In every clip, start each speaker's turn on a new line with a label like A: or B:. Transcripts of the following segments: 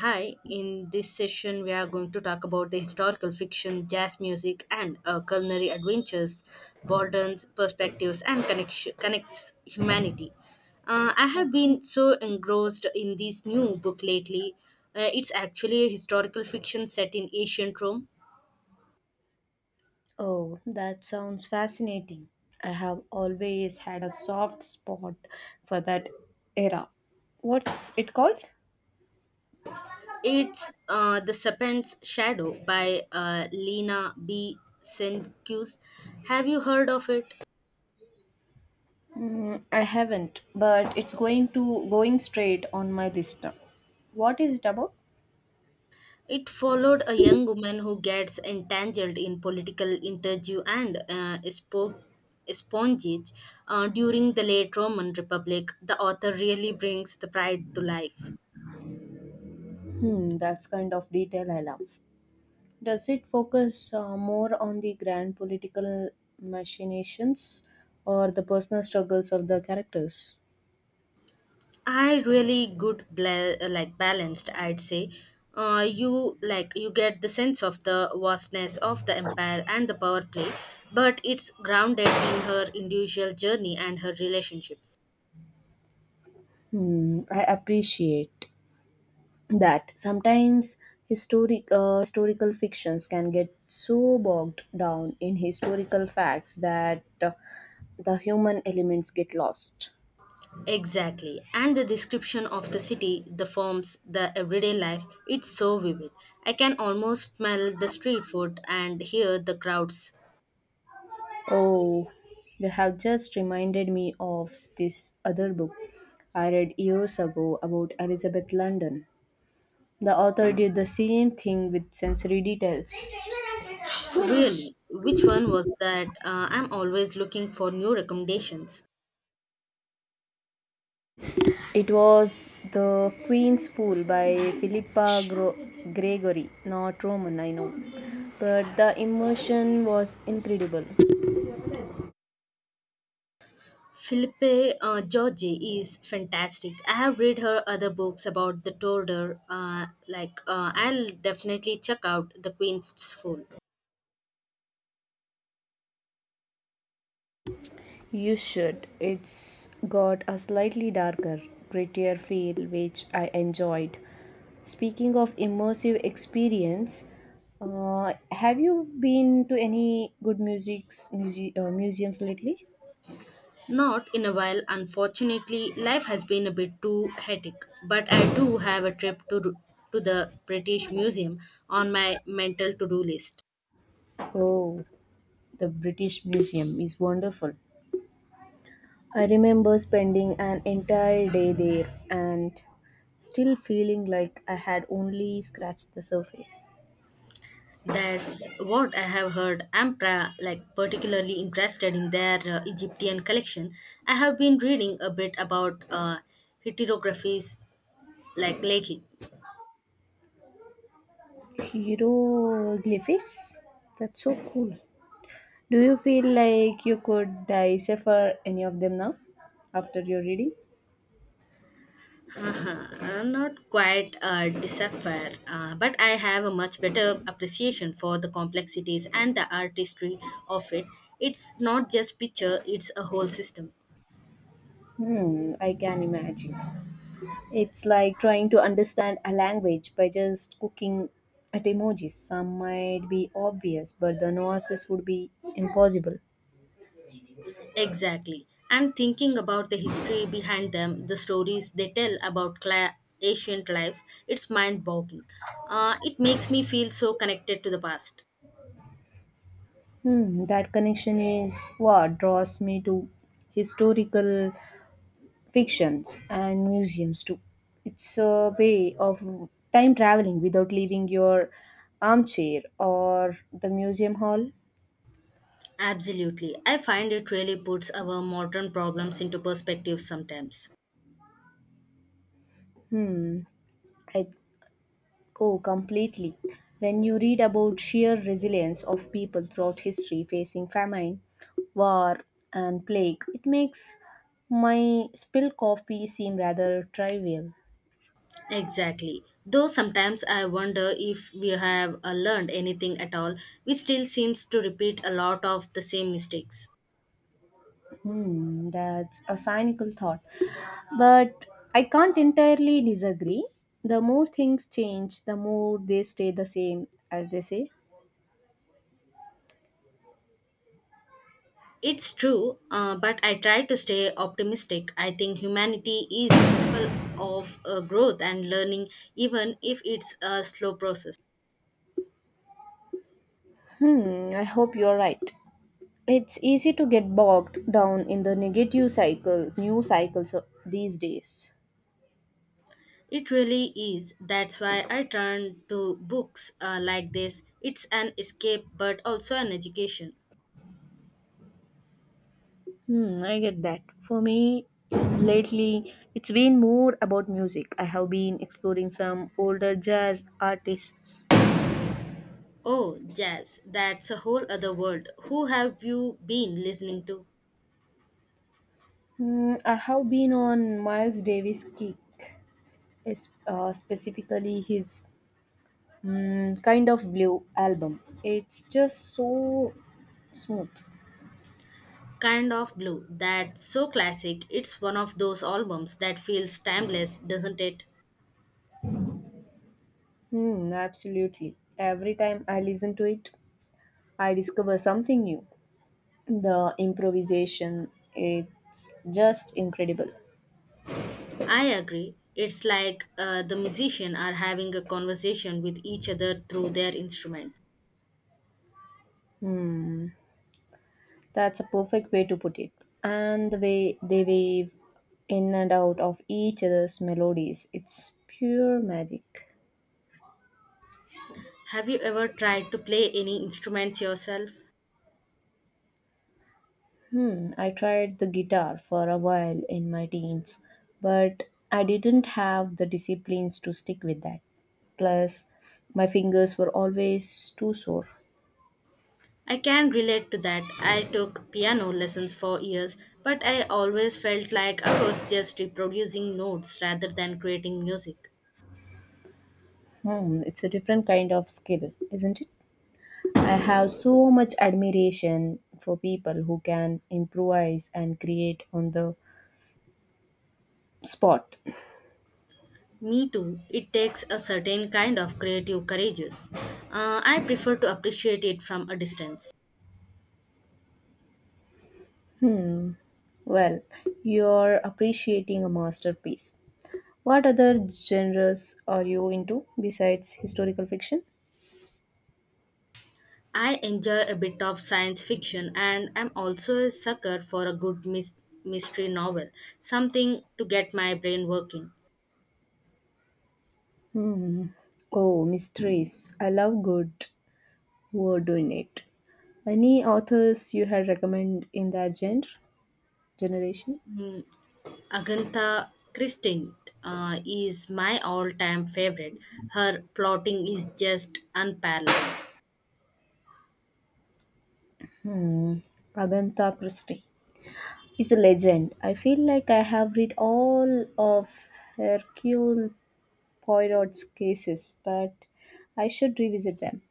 A: Hi, in this session, we are going to talk about the historical fiction, jazz music, and culinary adventures, borders, perspectives, and connection, connects humanity. I have
B: Okay.
A: been so engrossed in this new book lately. It's actually a historical fiction set in ancient Rome.
B: Oh, that sounds fascinating. I have always had a soft spot for that era. What's it called?
A: It's The Serpent's Shadow by Lena B. Senkus. Have you heard of it?
B: I haven't, but it's going straight on my list now. What is it about?
A: It followed a young woman who gets entangled in political interview and espionage during the late Roman Republic. The author really brings the pride to life.
B: That's kind of detail I love. Does it focus more on the grand political machinations or the personal struggles of the characters?
A: I really good like balanced. I'd say you get the sense of the vastness of the empire and the power play, but it's grounded in her individual journey and her relationships.
B: I appreciate that sometimes historical fictions can get so bogged down in historical facts that the human elements get lost.
A: Exactly. And the description of the city, the forms, the everyday life, it's so vivid. I can almost smell the street food and hear the crowds.
B: Oh, you have just reminded me of this other book I read years ago about elizabeth london. The author did the same thing with sensory details.
A: Really, which one was that? I'm always looking for new recommendations.
B: It was The Queen's Fool by Philippa Gregory, not Roman, I know. But the immersion was incredible.
A: Philippe Giorgi is fantastic. I have read her other books about the Tudor. I'll definitely check out The Queen's Fool.
B: You should. It's got a slightly darker, grittier feel, which I enjoyed. Speaking of immersive experience, have you been to any good museums lately?
A: Not in a while, unfortunately. Life has been a bit too hectic, but I do have a trip to the British Museum on my mental to-do list.
B: Oh, the British Museum is wonderful. I remember spending an entire day there and still feeling like I had only scratched the surface.
A: That's what I have heard. I'm like particularly interested in their Egyptian collection. I have been reading a bit about heterographies like lately.
B: Hieroglyphics? That's so cool. Do you feel like you could decipher any of them now after your reading?
A: Uh-huh. Not quite disappear, but I have a much better appreciation for the complexities and the artistry of it. It's not just picture; it's a whole system.
B: I can imagine. It's like trying to understand a language by just looking at emojis. Some might be obvious, but the nuances would be impossible.
A: Exactly. And thinking about the history behind them, the stories they tell about ancient lives. It's mind-boggling. It makes me feel so connected to the past.
B: That connection is what draws me to historical fictions and museums too. It's a way of time traveling without leaving your armchair or the museum hall.
A: Absolutely. I find it really puts our modern problems into perspective sometimes.
B: I go completely. When you read about sheer resilience of people throughout history facing famine, war, and plague, it makes my spilled coffee seem rather trivial.
A: Exactly. Though sometimes I wonder if we have learned anything at all, we still seems to repeat a lot of the same mistakes.
B: That's a cynical thought. But I can't entirely disagree. The more things change, the more they stay the same, as they say.
A: It's true, but I try to stay optimistic. I think humanity is capable of growth and learning, even if it's a slow process.
B: I hope you're right. It's easy to get bogged down in the negative cycle, new these days.
A: It really is. That's why I turn to books like this. It's an escape, but also an education.
B: I get that. For me, lately, it's been more about music. I have been exploring some older jazz artists.
A: Oh, jazz. That's a whole other world. Who have you been listening to?
B: I have been on Miles Davis' kick, specifically his Kind of Blue album. It's just so smooth.
A: Kind of Blue. That's so classic. It's one of those albums that feels timeless, doesn't it?
B: Absolutely. Every time I listen to it, I discover something new. The improvisation, it's just incredible.
A: I agree. It's like the musicians are having a conversation with each other through their instruments.
B: That's a perfect way to put it. And the way they wave in and out of each other's melodies, it's pure magic.
A: Have you ever tried to play any instruments yourself?
B: I tried the guitar for a while in my teens, but I didn't have the disciplines to stick with that. Plus, my fingers were always too sore.
A: I can relate to that. I took piano lessons for years, but I always felt like I was just reproducing notes rather than creating music.
B: It's a different kind of skill, isn't it? I have so much admiration for people who can improvise and create on the spot.
A: Me too. It takes a certain kind of creative courageous. I prefer to appreciate it from a distance.
B: Well, you're appreciating a masterpiece. What other genres are you into besides historical fiction?
A: I enjoy a bit of science fiction and I'm also a sucker for a good mystery novel, something to get my brain working.
B: Oh, mysteries. I love good word in it. Any authors you had recommend in that genre generation?
A: Mm, Agatha Christie is my all-time favorite. Her plotting is just unparalleled.
B: Agatha Christie is a legend. I feel like I have read all of Hercule Poirot's cases, but I should revisit them.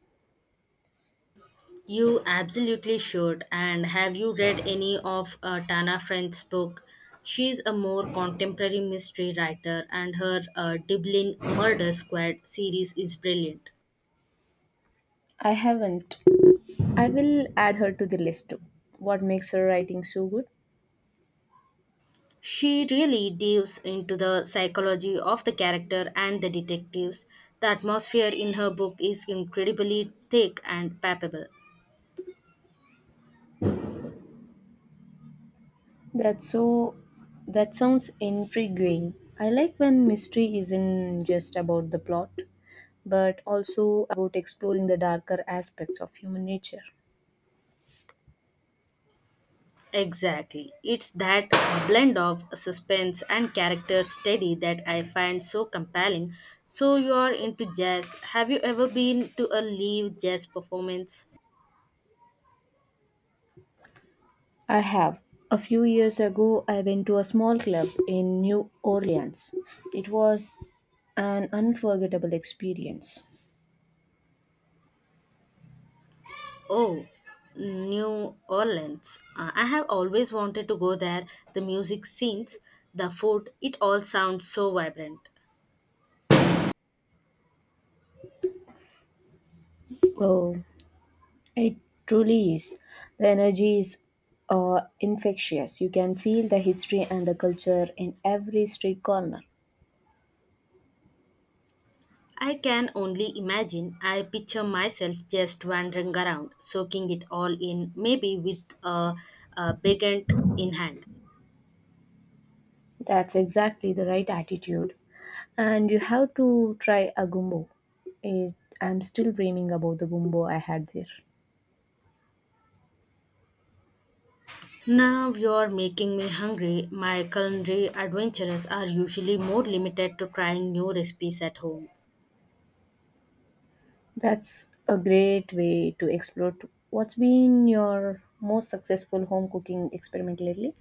A: You absolutely should. And have you read any of Tana Friend's book? She's a more contemporary mystery writer, and her Dublin Murder Squad series is brilliant.
B: I haven't. I will add her to the list too. What makes her writing so good?
A: She really delves into the psychology of the character and the detectives. The atmosphere in her book is incredibly thick and palpable.
B: That's so that sounds intriguing. I like when mystery isn't just about the plot, but also about exploring the darker aspects of human nature.
A: Exactly. It's that blend of suspense and character study that I find so compelling. So you're into jazz. Have you ever been to a live jazz performance?
B: I have. A few years ago, I went to a small club in New Orleans. It was an unforgettable experience.
A: Oh, New Orleans. I have always wanted to go there. The music scenes, the food, it all sounds so vibrant.
B: Oh, it truly is. The energy is infectious. You can feel the history and the culture in every street corner.
A: I can only imagine. I picture myself just wandering around, soaking it all in, maybe with a baguette in hand.
B: That's exactly the right attitude. And you have to try a gumbo. It, I'm still dreaming about the gumbo I had there.
A: Now you're making me hungry. My culinary adventures are usually more limited to trying new recipes at home.
B: That's a great way to explore too. What's been your most successful home cooking experiment lately?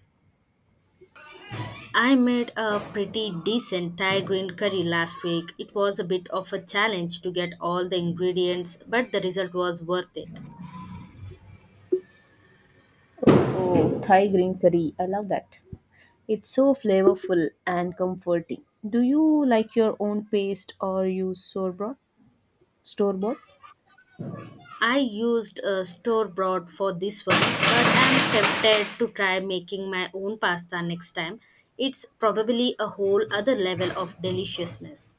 A: I made a pretty decent Thai green curry last week. It was a bit of a challenge to get all the ingredients, but the result was worth it.
B: Oh, Thai green curry. I love that. It's so flavorful and comforting. Do you like your own paste or use store bought? Store bought?
A: I used a store bought for this one, but I'm tempted to try making my own pasta next time. It's probably a whole other level of deliciousness.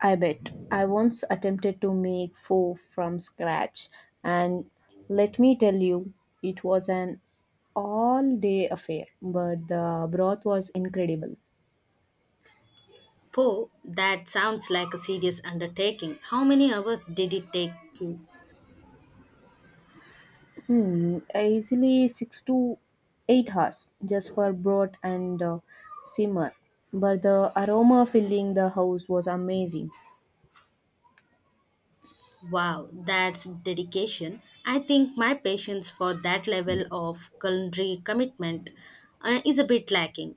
B: I bet. I once attempted to make pho from scratch, and let me tell you, it was an all day affair, but the broth was incredible.
A: Poe, that sounds like a serious undertaking. How many hours did it take you?
B: Easily 6 to 8 hours just for broth and simmer, but the aroma filling the house was amazing.
A: Wow, that's dedication. I think my patience for that level of culinary commitment is a bit lacking.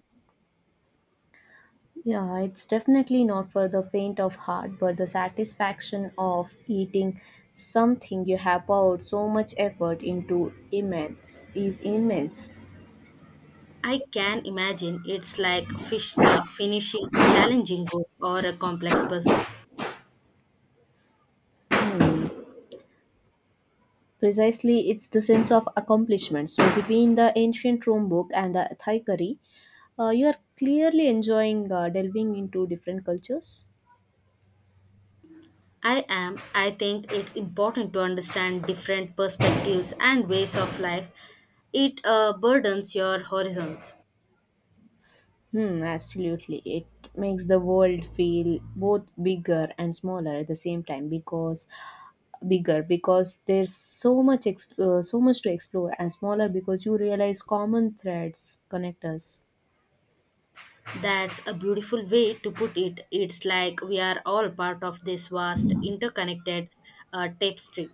B: Yeah, it's definitely not for the faint of heart, but the satisfaction of eating something you have poured so much effort into immense is immense.
A: I can imagine it's like fish like finishing a challenging book or a complex puzzle.
B: Precisely, it's the sense of accomplishment. So between the ancient Rome book and the Thai curry, you are clearly enjoying delving into different cultures.
A: I think it's important to understand different perspectives and ways of life. It burdens your horizons.
B: Absolutely. It makes the world feel both bigger and smaller at the same time, because bigger because there's so much so much to explore, and smaller because you realize common threads connect us.
A: That's a beautiful way to put it. It's like we are all part of this vast, interconnected tapestry.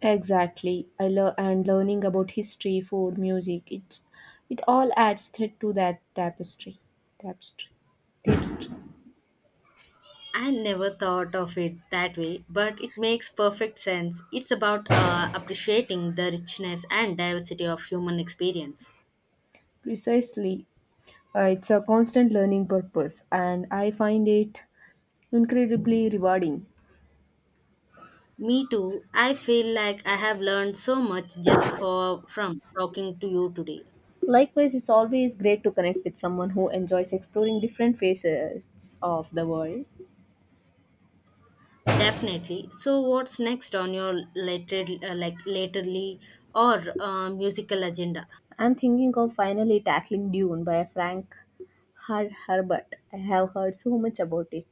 B: Exactly, I love and learning about history, food, music, its it all adds thread to that tapestry tapestry.
A: I never thought of it that way, but it makes perfect sense. It's about appreciating the richness and diversity of human experience.
B: Precisely, it's a constant learning purpose, and I find it incredibly rewarding.
A: Me too. I feel like I have learned so much just for from talking to you today.
B: Likewise, it's always great to connect with someone who enjoys exploring different facets of the world.
A: Definitely. So, what's next on your later, like laterly or musical agenda?
B: I'm thinking of finally tackling Dune by Frank Herbert. I have heard so much about it.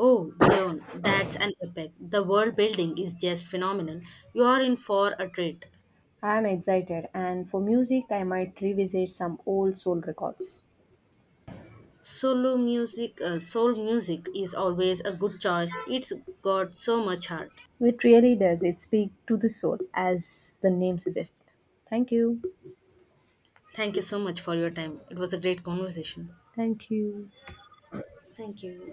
A: Oh, Dion, that's an epic. The world building is just phenomenal. You are in for a treat.
B: I'm excited, and for music, I might revisit some old soul records.
A: Soul music is always a good choice. It's got so much heart.
B: It really does. It speaks to the soul, as the name suggests. Thank you.
A: Thank you so much for your time. It was a great conversation.
B: Thank you.
A: Thank you.